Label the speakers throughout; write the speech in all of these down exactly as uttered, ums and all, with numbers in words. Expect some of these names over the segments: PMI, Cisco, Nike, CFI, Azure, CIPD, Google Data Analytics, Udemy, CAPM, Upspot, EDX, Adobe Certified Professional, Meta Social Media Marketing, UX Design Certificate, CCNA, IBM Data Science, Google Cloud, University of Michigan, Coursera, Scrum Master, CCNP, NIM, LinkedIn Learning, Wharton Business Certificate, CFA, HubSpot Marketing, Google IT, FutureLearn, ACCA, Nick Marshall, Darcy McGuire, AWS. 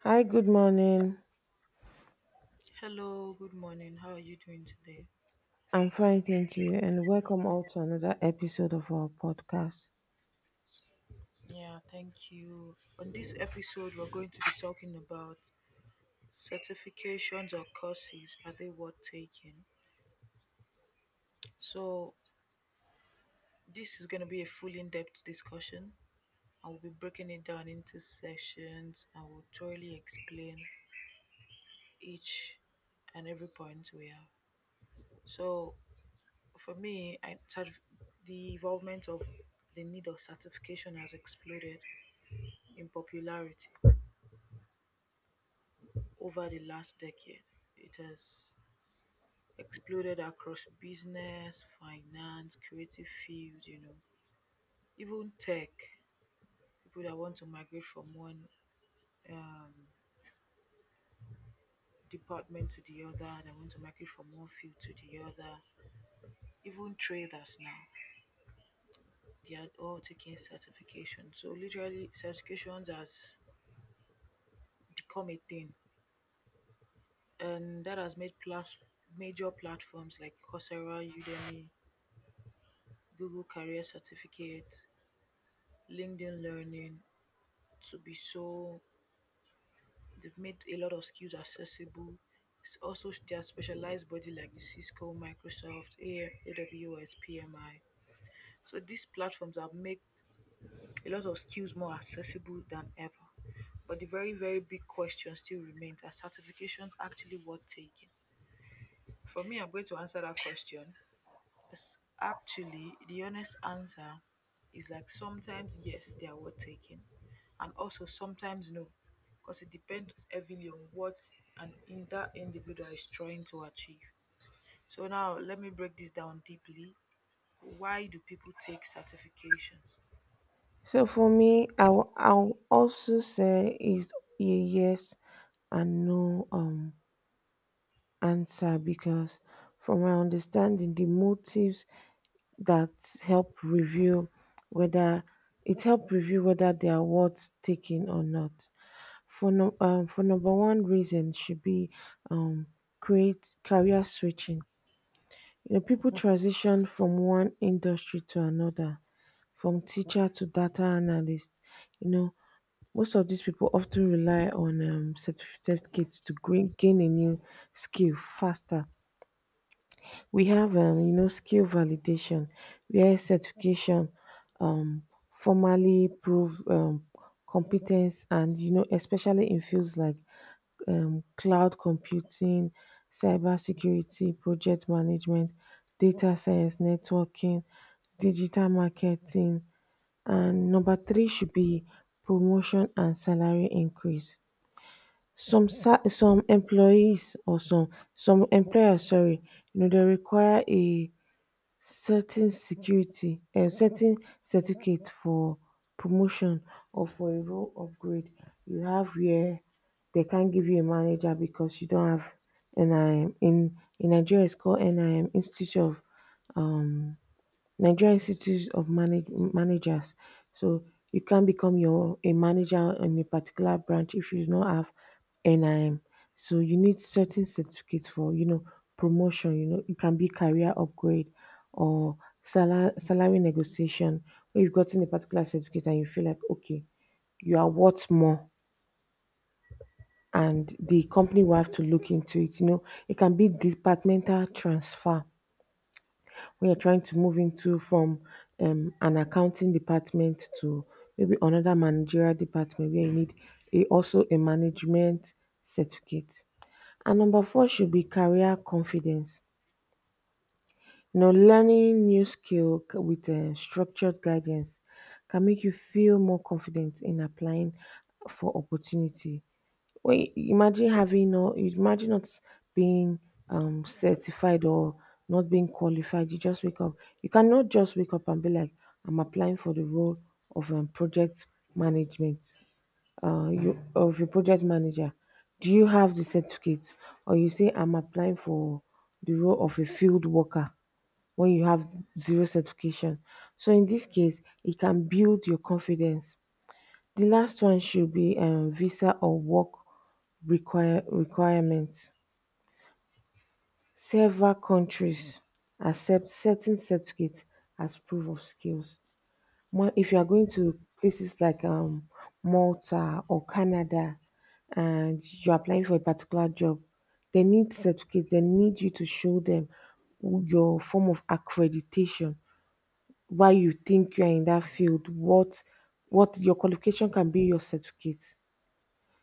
Speaker 1: Hi, good morning.
Speaker 2: Hello, good morning. How are you doing today?
Speaker 1: I'm fine, thank you, and welcome all to another episode of our podcast.
Speaker 2: Yeah, thank you. On this episode, we're going to be talking about certifications or courses. Are they worth taking? So, this is going to be a full in depth discussion. I will be breaking it down into sections and will thoroughly explain each and every point we have. So, for me, I, certif- the involvement of the need of certification has exploded in popularity over the last decade. It has exploded across business, finance, creative fields, you know, even tech. People that want to migrate from one um, department to the other, that want to migrate from one field to the other, even traders now, they are all taking certification. So, literally, certifications has become a thing, and that has made plus major platforms like Coursera, Udemy, Google Career Certificate, LinkedIn Learning to be so they've made a lot of skills accessible. It's also their specialized body like the Cisco, Microsoft, A- AWS, P M I. So these platforms have made a lot of skills more accessible than ever. But the very, very big question still remains, are certifications actually worth taking? For me, I'm going to answer that question. S- Actually, the honest answer is like sometimes yes, they are worth taking, and also sometimes no, because it depends heavily on what an in that individual is trying to achieve. So now let me break this down deeply. Why do people take certifications?
Speaker 1: So, for me, I will I'll also say is a yes and no um answer because, from my understanding, the motives that help review whether it help review whether they are worth taking or not. For no, um, for number one reason should be um create career switching. You know, people transition from one industry to another, from teacher to data analyst. You know, most of these people often rely on um, certificates to gain, gain a new skill faster. We have, um, you know, skill validation, where certification um, formally prove um, competence, and you know, especially in fields like um, cloud computing, cybersecurity, project management, data science, networking, digital marketing, and number three should be promotion and salary increase. Some sa- some employees or some some employers, sorry, you know, they require a setting security um setting certificate for promotion or for a role upgrade you have where they can't give you a manager because you don't have N I M. in in Nigeria it's called N I M Institute of um Nigeria Institute of Manage- Managers. So you can't become your a manager in a particular branch if you do not have N I M. So you need certain certificates for you know promotion. You know it can be career upgrade or salary salary negotiation. When you've gotten a particular certificate and you feel like okay, you are worth more, and the company will have to look into it. You know it can be departmental transfer. We are trying to move into from um, an accounting department to maybe another managerial department where you need a, also a management certificate. And number four should be career confidence. You know, learning new skill c- with uh, structured guidance can make you feel more confident in applying for opportunity. Well, I- imagine having no, imagine not being um certified or not being qualified. You just wake up. You cannot just wake up and be like, I'm applying for the role of um, project management. Uh, you of a project manager. Do you have the certificate, or you say I'm applying for the role of a field worker when you have zero certification? So in this case, it can build your confidence. The last one should be um, visa or work require requirements. Several countries accept certain certificates as proof of skills. Mo- if you are going to places like um, Malta or Canada and you're applying for a particular job, they need certificates, they need you to show them your form of accreditation, why you think you are in that field, what what your qualification can be, your certificate.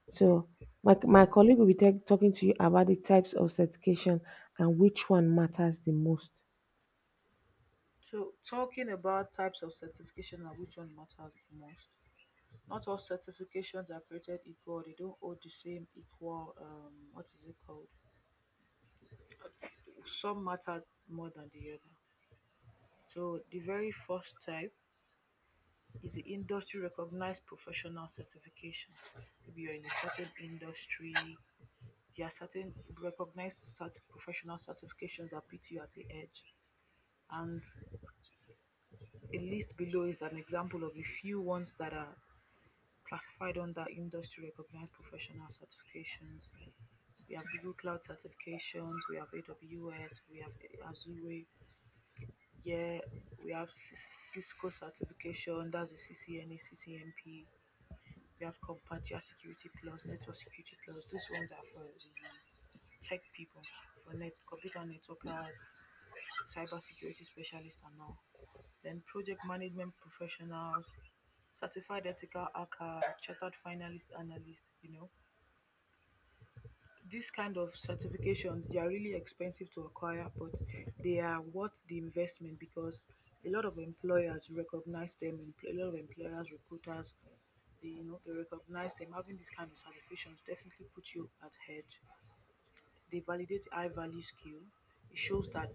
Speaker 1: So my, my colleague will be ta- talking to you about the types of certification and which one matters the most.
Speaker 2: So talking about types of certification and which one matters most. Not all certifications are created equal. They don't hold the same equal. Um, what is it called? Some matter more than the other. So the very first type is the industry recognized professional certifications. Maybe you're in a certain industry, there are certain recognized cert- professional certifications that put you at the edge. And a list below is an example of a few ones that are classified under industry recognized professional certifications. We have Google Cloud certifications, we have A W S, we have Azure, yeah, we have Cis- Cisco certification, that's the C C N A, C C N P. We have Compatia security plus, network security plus. These ones are for the tech people, for net computer networkers, cyber security specialists and all. Then project management professionals, certified ethical hacker, chartered finalist analyst, you know these kind of certifications, they are really expensive to acquire, but they are worth the investment because a lot of employers recognize them. empl- A lot of employers, recruiters, they you know they recognize them. Having these kind of certifications definitely put you at head. They validate high value skill. It shows that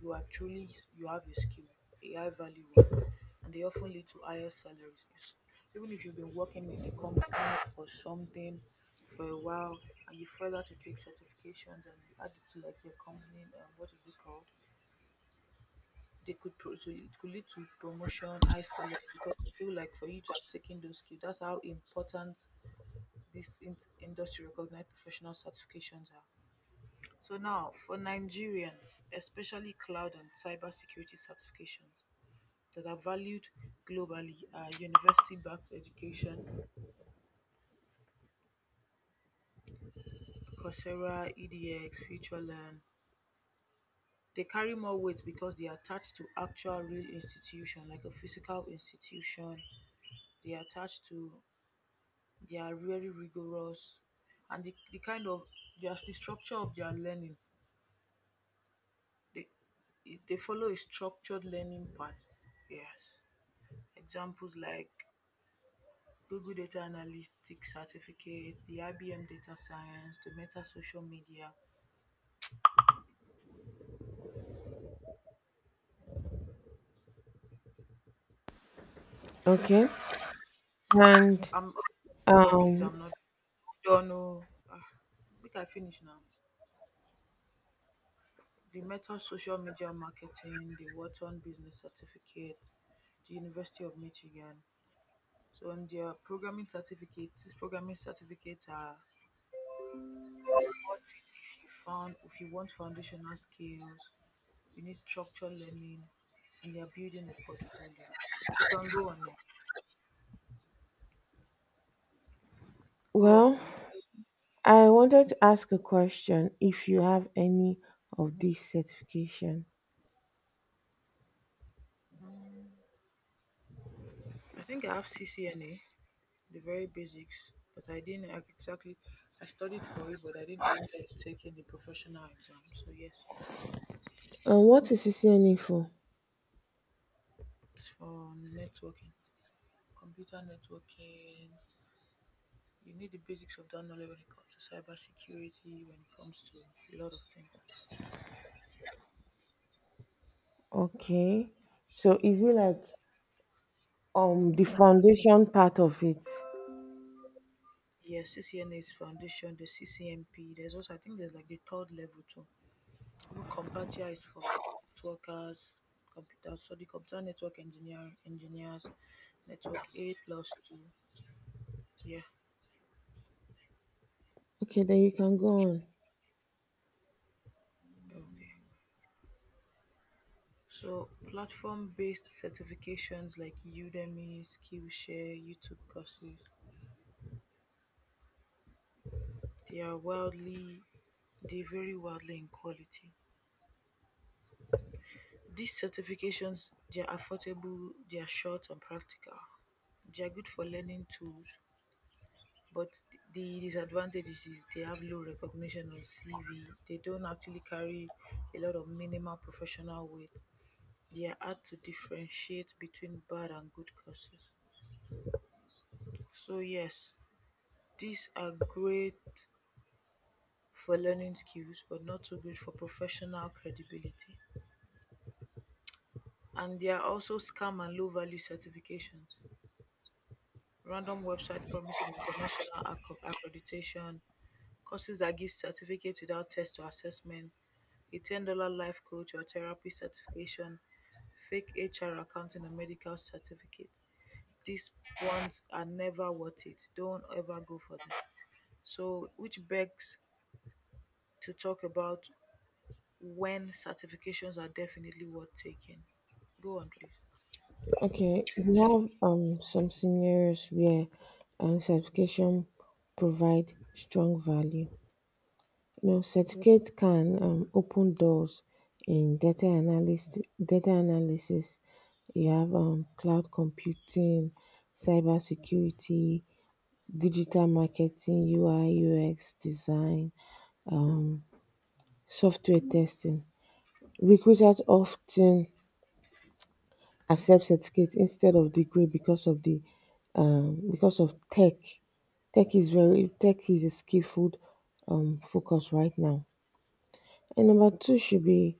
Speaker 2: you are truly you have a skill, a high value one, and they often lead to higher salaries. It's— even if you've been working in a company or something for a while and you further to take certifications and you add it to like your company um, what is it called? They could pro- to, It could lead to promotion, high salary because you feel like for you to have taken those skills, that's how important this in- industry recognized professional certifications are. So now, for Nigerians, especially cloud and cybersecurity certifications that are valued globally are university-backed education, Coursera, E D X, FutureLearn. They carry more weight because they are attached to actual real institution, like a physical institution. They are attached to, they are really rigorous, and the, the kind of, just the structure of their learning. They, they follow a structured learning path. Yes. Examples like Google Data Analytics certificate, the I B M Data Science, the Meta Social Media.
Speaker 1: Okay. And
Speaker 2: I'm hold on, please.
Speaker 1: um,
Speaker 2: I'm not done. Oh, ah, make I finish now. The Meta Social Media Marketing, the Wharton Business Certificate, the University of Michigan. So, on their programming certificate, these programming certificates are what it if you found if you want foundational skills, you need structured learning, and you're building a portfolio. You can go on now. Go on,
Speaker 1: well,
Speaker 2: please.
Speaker 1: I wanted to ask a question if you have any of these certification.
Speaker 2: I think I have C C N A, the very basics, but I didn't ac- exactly. I studied for it, but I didn't end up taking the professional exam. So yes,
Speaker 1: And what is C C N A for?
Speaker 2: it's for networking, computer networking. You need the basics of that knowledge when it comes to cybersecurity, when it comes to a lot of things.
Speaker 1: Okay. So is it like um the foundation part of it?
Speaker 2: Yes, C C N A is foundation. The C C M P. There's also I think there's like the third level too. Even Compatia is for networkers, computer. So the computer network engineer engineers, network A plus two. Yeah.
Speaker 1: Okay, then you can go on.
Speaker 2: Okay. So platform based certifications like Udemy, Skillshare, YouTube courses, they are wildly they vary wildly in quality. These certifications they are affordable, they are short and practical. They are good for learning tools, but the disadvantages is they have low recognition on C V. They don't actually carry a lot of minimal professional weight. They are hard to differentiate between bad and good courses. So yes, these are great for learning skills but not so good for professional credibility. And there are also scam and low value certifications. Random website promising international acc- accreditation, courses that give certificates without test or assessment, a ten dollars life coach or therapy certification, fake H R accounting and medical certificate. These ones are never worth it. Don't ever go for them. So, which begs to talk about when certifications are definitely worth taking. Go on, please.
Speaker 1: Okay, we have um some scenarios where um certification provide strong value. You know, certificates can um, open doors in data analyst data analysis. You have um, cloud computing, cybersecurity, digital marketing, U I U X design, um, software testing. Recruiters often accept certificate instead of degree because of the um, because of tech. Tech is very Tech is a skillful um, focus right now. And number two should be,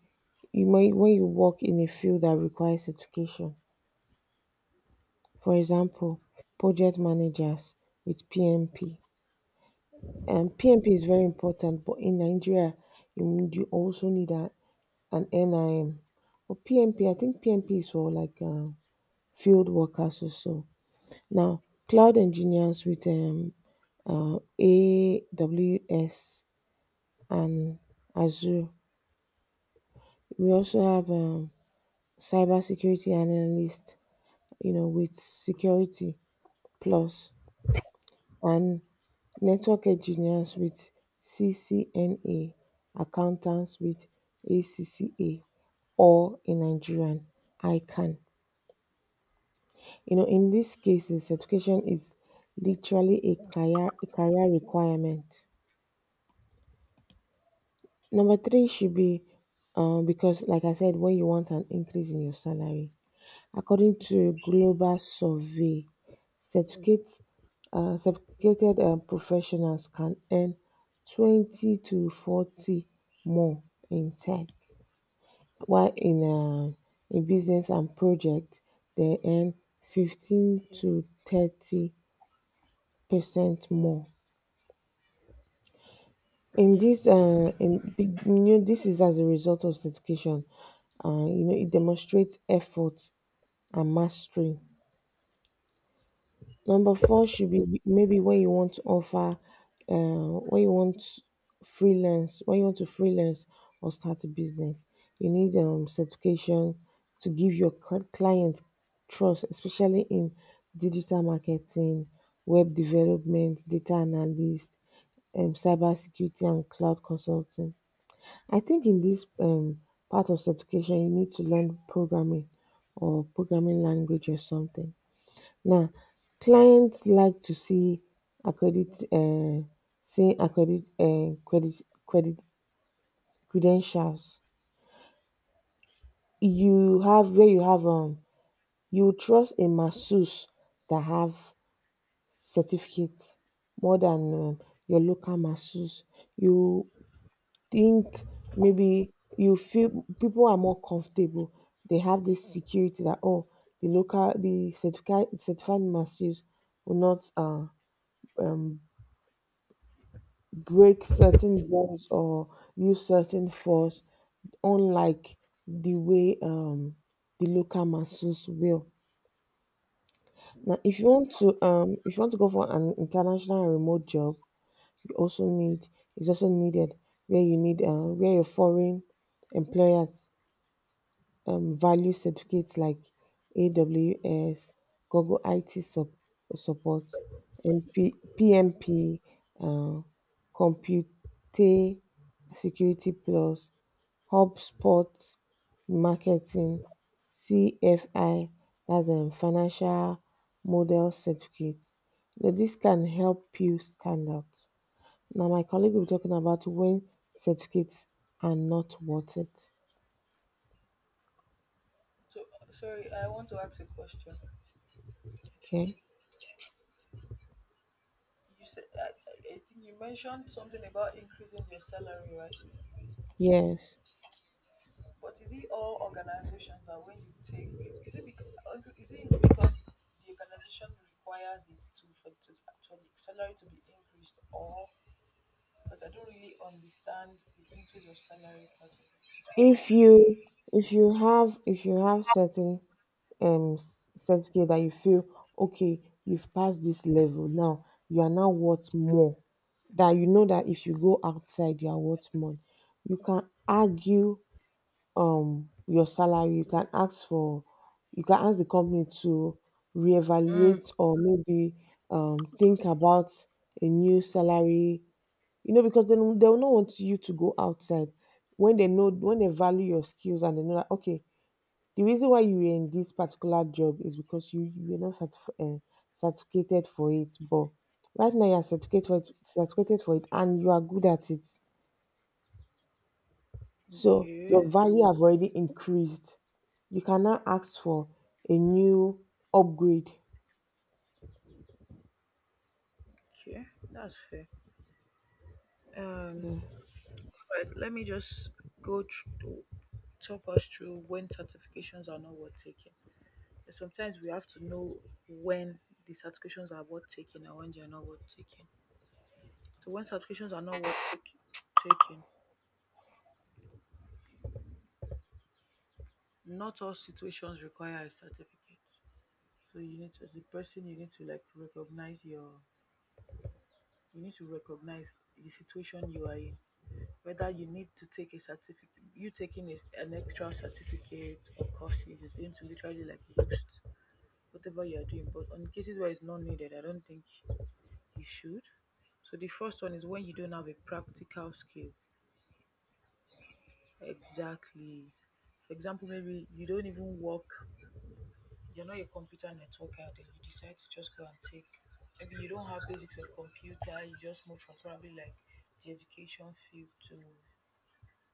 Speaker 1: you might when you work in a field that requires education. For example, project managers with P M P. And P M P is very important, but in Nigeria, you need- you also need a, an N I M. But P M P, I think P M P is for like uh, field workers or so. Now, cloud engineers with um, uh, A W S and Azure. We also have um, cybersecurity analysts, you know, with Security Plus, and network engineers with C C N A, accountants with A C C A, or in Nigerian, ICANN. You know, in these cases, certification is literally a career, a career requirement. Number three should be, um, because like I said, when you want an increase in your salary, according to a global survey, certificate, uh, certificated uh, professionals can earn twenty to forty more in tech, while in uh, in business and project they earn fifteen to thirty percent more. In this uh, in big, You know, this is as a result of certification. Uh, you know, it demonstrates effort and mastery. Number four should be maybe when you want to offer, uh, when you want freelance, when you want to freelance or start a business, you need um, certification to give your cl- client trust, especially in digital marketing, web development, data analyst, um, cybersecurity, and cloud consulting. I think in this um, part of education, you need to learn programming or programming language or something. Now, clients like to see accredit, uh, see accredit, uh, credit, credit credentials. You have where you have um, you trust a masseuse that have certificate more than um, your local masseuse. You think maybe you feel people are more comfortable. They have this security that, oh, the local the certified certified masses will not uh, um, break certain laws or use certain force, unlike the way um, the local masses will. Now, if you want to um, if you want to go for an international and remote job, you also need is also needed, where you need uh, where your foreign employers um, value certificates like A W S, Google IT sup- support, MP, P M P, uh, Compute Security Plus, HubSpot Marketing, C F I, that's a financial model certificate. You know, this can help you stand out. Now, my colleague will be talking about when certificates are not worth it.
Speaker 2: So sorry, I want to ask a question.
Speaker 1: Okay.
Speaker 2: You said I, I I think you mentioned something about increasing your salary, right?
Speaker 1: Yes.
Speaker 2: But is it all organizations that when you take is it because, is it because the organization requires it to for to for the salary to be increased, or because I don't really understand the increase of salary part
Speaker 1: if you if you have if you have certain um s- certificate that you feel, okay, you've passed this level, now you are now worth more, that you know that if you go outside you are worth more, you can argue um your salary, you can ask for, you can ask the company to
Speaker 2: of it. Mm,
Speaker 1: reevaluate or maybe um think about a new salary. You know, because they they will not want you to go outside when they know, when they value your skills, and they know that, okay, the reason why you were in this particular job is because you you were not certif- uh, certificated for it, but right now you are certificated for it, certificated for it and you are good at it. So
Speaker 2: okay,
Speaker 1: your value have already increased. You can now ask for a new upgrade.
Speaker 2: okay, that's fair. Um,
Speaker 1: Yeah.
Speaker 2: But let me just go through, talk us through when certifications are not worth taking. And sometimes we have to know when the certifications are worth taking and when they are not worth taking. So when certifications are not worth taking, taking not all situations require a certificate. So you need to, as a person, you need to like recognize your, you need to recognize the situation you are in. Whether you need to take a certificate, you taking a, an extra certificate or courses is going to literally like boost whatever you are doing. But on cases where it's not needed, I don't think you should. So the first one is when you don't have a practical skill. Exactly. For example, maybe you don't even work, you're not a computer networker, then you decide to just go and take, maybe you don't have basics of computer, you just move from probably like the education field to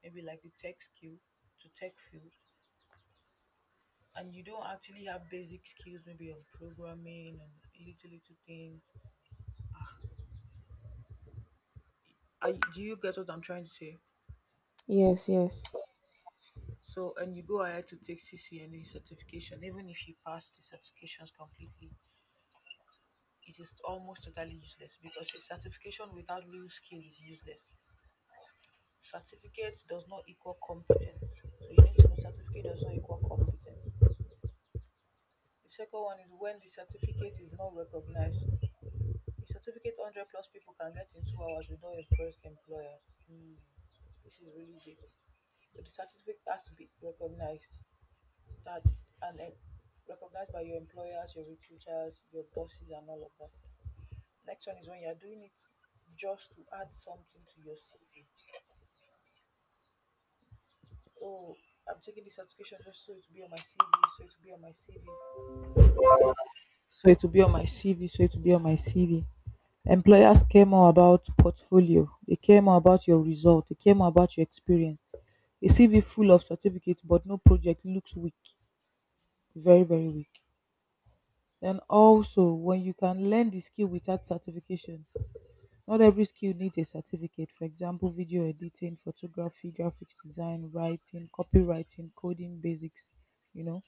Speaker 2: maybe like the tech skill to tech field and you don't actually have basic skills maybe on programming and little little things. I, do you get what I'm trying to say?
Speaker 1: Yes, yes.
Speaker 2: So, and you go ahead to take C C N A certification, even if you pass the certifications completely, it is almost totally useless because a certification without real skill is useless. Certificate does not equal competence. So you need to know certificate does not equal competence. The second one is when the certificate is not recognized. A certificate one hundred plus people can get in two hours without impress employers. Hmm, this is really big. So the certificate has to be recognized that and then recognized by your employers, your recruiters, your bosses, and all of that. Next one is when you're doing it just to add something to your C V. Oh, I'm taking this certification just so it will be on my C V, so it will be on my C V, so it will be on my C V, so it will be on my C V. Employers care more about portfolio, they care more about your result, they care more about your experience. A C V full of certificates but no project looks weak, very, very weak. Then also, when you can learn the skill without certification, not every skill needs a certificate. For example, video editing, photography, graphics design, writing, copywriting, coding basics. You know,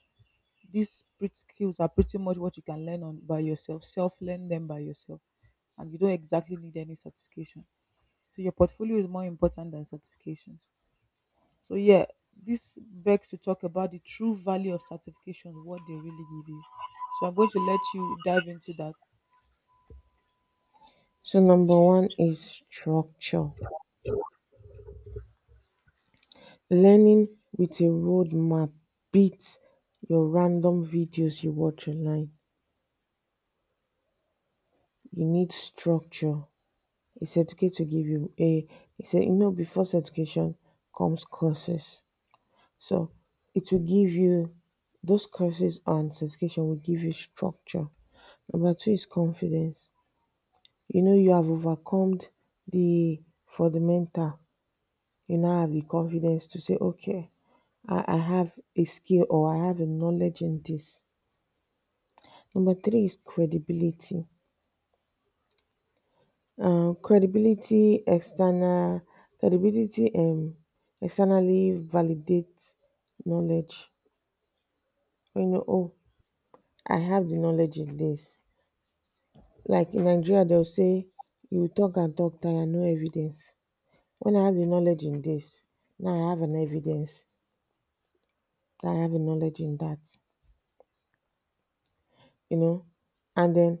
Speaker 2: these pret- skills are pretty much what you can learn on by yourself, self learn them by yourself, and you don't exactly need any certification. So your portfolio is more important than certifications. So yeah, this begs to talk about the true value of certifications, what they really give you. So I'm going to let you dive into that.
Speaker 1: So number one is structure. Learning with a roadmap beats your random videos you watch online. You need structure. It's education give you a it's a cer- You know, before education comes courses. So it will give you those courses, and certification will give you structure. Number two is confidence. You know you have overcome the for the mental. You now have the confidence to say, okay, I, I have a skill or I have a knowledge in this. Number three is credibility, um credibility external credibility, um externally validate knowledge, when you know, oh, I have the knowledge in this. Like in Nigeria dem go say you talk and talk tire no evidence. When I have the knowledge in this, now I have an evidence that I have a knowledge in that, you know, and den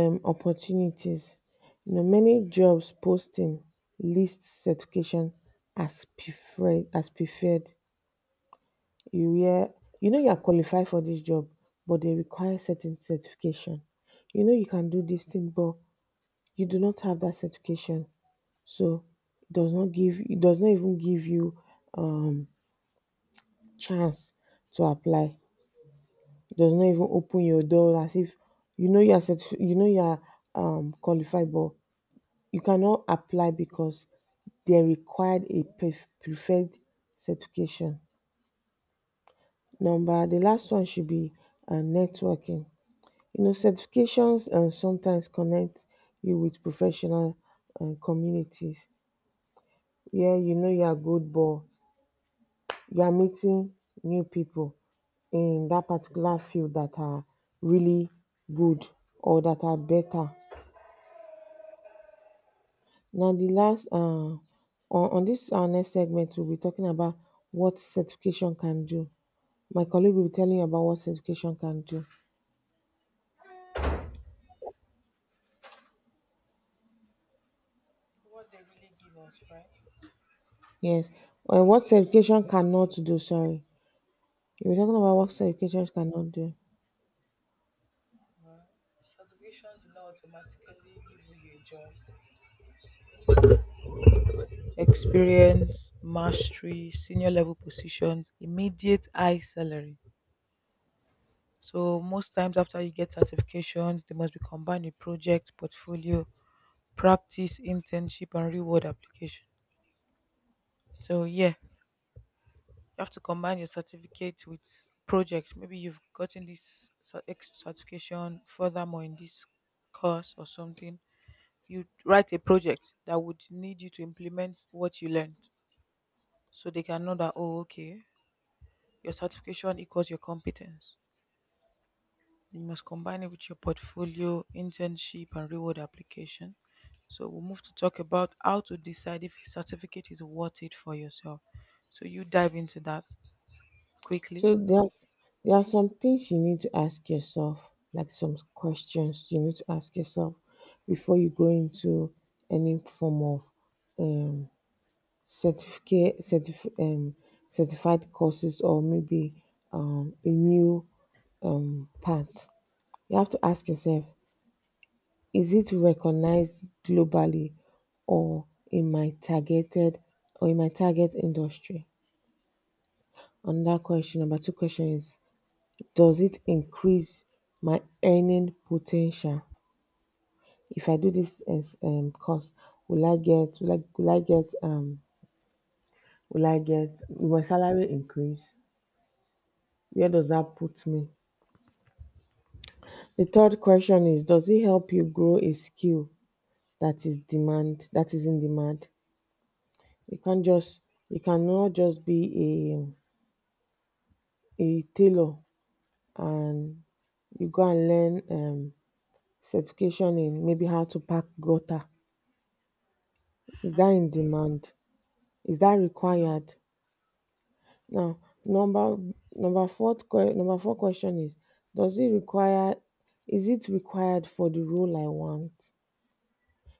Speaker 1: um opportunities. You know, many jobs posting list certification as preferred, as preferred. You hear, you know, you are qualified for this job but they require certain certification. You know you can do this thing but you do not have that certification. So it does not give it does not even give you um chance to apply. It does not even open your door, as if, you know, you are certif- you know you are um qualified but you cannot apply because they required a pref- preferred certification. Number The last one should be um networking. You know certifications um sometimes connect you with professional um communities, where you know you are good but you are meeting new people in that particular field that are really good or that are better. Now the last, uh, on, on this our next segment, we'll be talking about what certification can do. My colleague will be telling you about what certification can do.
Speaker 2: What they really give us, right?
Speaker 1: Yes, and what certification cannot do. Sorry, we're talking about what
Speaker 2: Okay.
Speaker 1: certifications cannot do.
Speaker 2: Certification do not automatically give you a job. Experience, mastery, senior level positions, immediate high salary. So most times after you get certifications, they must be combined with project, portfolio, practice, internship, and reward application. So yeah, you have to combine your certificate with project. Maybe you've gotten this cer- ex- certification furthermore in this course or something you write a project that would need you to implement what you learned so they can know that oh okay your certification equals your competence. You must combine it with your portfolio, internship and reward application. So we'll move to talk about how to decide if a certificate is worth it for yourself. So you dive into that quickly.
Speaker 1: So there, are- there are some things you need to ask yourself, like some questions you need to ask yourself before you go into any form of um certificate certif- um, certified courses or maybe um, a new um, path. You have to ask yourself, is it recognized globally or in my targeted or in my target industry? Another question, number two question is, does it increase my earning potential? If I do this as um, course, will I get will I, will I get um will I get will my salary increase? Where does that put me? The third question is, does it help you grow a skill that is demand that is in demand? You can't just you cannot just be a a tailor, and you go and learn um, certification in maybe how to pack gutter. Is that in demand? Is that
Speaker 2: No.
Speaker 1: required? Now number number fourth number four question is, Does it require is it required for the role I want?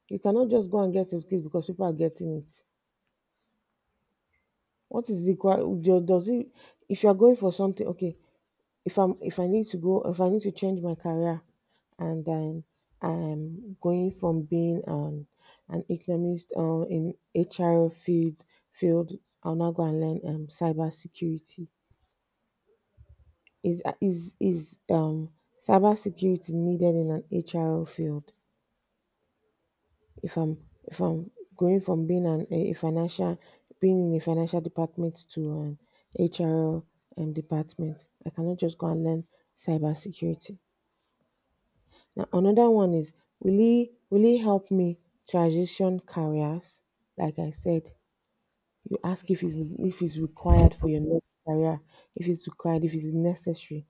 Speaker 1: You cannot just go and get certificate because people are getting it. What is equal? do- Does it? If you are going for something, okay. If I'm, if I need to go, if I need to change my career, and then I'm going from being an an economist um, in H R field field, I'll now go and learn um cyber security. Is is is um cyber security needed in an H R field? If I'm if I'm going from being an a financial being in a financial department to an H R um, department, I cannot just go and learn cybersecurity. Now another one is, will it will it help me transition careers? Like I said, you ask if it's if it's required for your next career, if it's required, if it's necessary.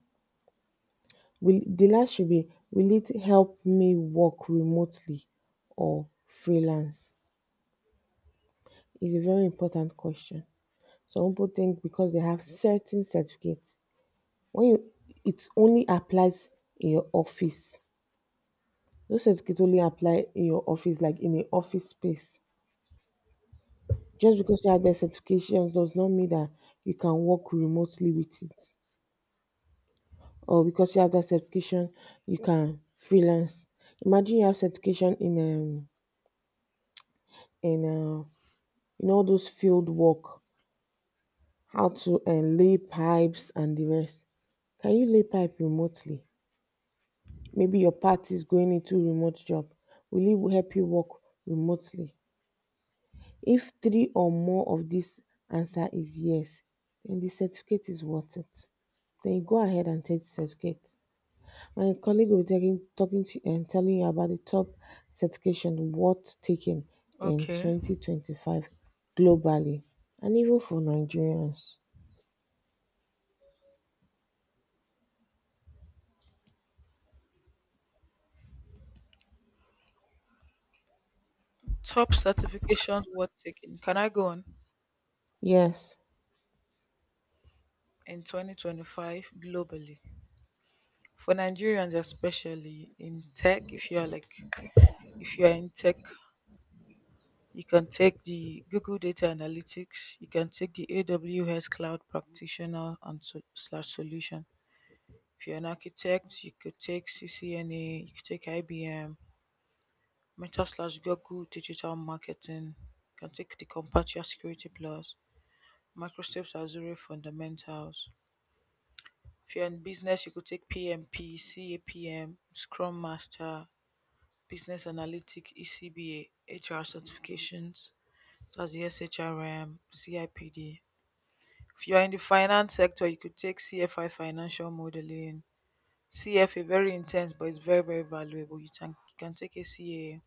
Speaker 1: Will the last should be Will it help me work remotely or freelance? Is a very important question. Some people think because they have certain certificates, when you, it only applies in your office. Those certificates only apply in your office, like in an office space. Just because you have that certification does not mean that you can work remotely with it. Or because you have that certification, you can freelance. Imagine you have certification in um in uh, in all those field work, how to uh, lay pipes and the rest. Can you lay pipe remotely? Maybe your path is going into remote job. Will it help you work remotely? If three or more of this answer is yes, then the certificate is worth it. Then you go ahead and take the certificate. My colleague will be taking, talking to you and telling you about the top certification worth taking in
Speaker 2: Okay.
Speaker 1: twenty twenty-five globally and even for Nigerians.
Speaker 2: Top certifications worth taking, can I go on,
Speaker 1: Yes.
Speaker 2: in twenty twenty-five globally for Nigerians, especially in tech, if you are like if you are in tech, you can take the Google Data Analytics, you can take the A W S Cloud Practitioner and so, slash solution. If you're an architect, you could take C C N A, you could take I B M, Meta slash Google Digital Marketing, you can take the Compatia Security Plus, Microsoft Azure Fundamentals. If you're in business, you could take P M P, C A P M, Scrum Master, Business Analytic, E C B A, H R certifications. That's the S H R M, C I P D. If you are in the finance sector, you could take C F I financial modeling. C F A very intense, but it's very very valuable. You can you can take A C A.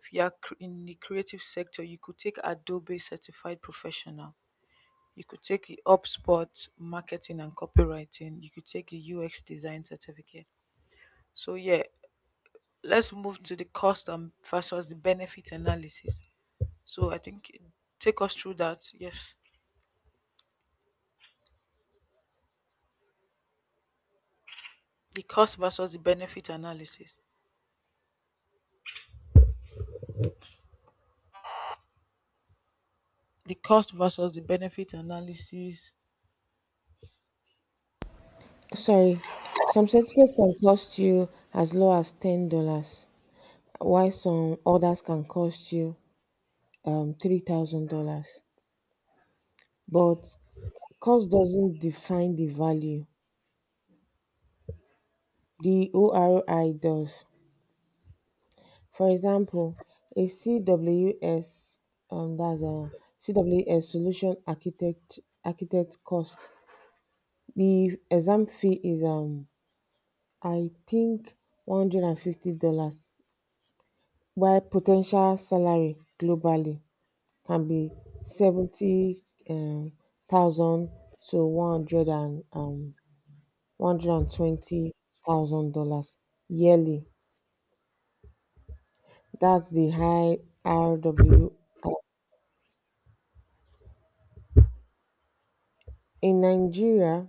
Speaker 2: If you are cr- in the creative sector, you could take Adobe Certified Professional. You could take the Upspot Marketing and Copywriting. You could take the U X Design Certificate. So yeah, let's move to the cost and versus the benefit analysis. So I think take us through that. Yes. The cost versus the benefit analysis. The cost versus the benefit analysis
Speaker 1: Sorry, some certificates can cost you as low as ten dollars, while some others can cost you um three thousand dollars. But cost doesn't define the value, the oroi does. For example, a cws um that's a cws solution architect architect cost. The exam fee is um I think one hundred fifty dollars, while po ten tial salary globally can be seventy um thousand to one hundred and um one hundred and twenty thousand dollars yearly. That's the high R W I. In Nigeria,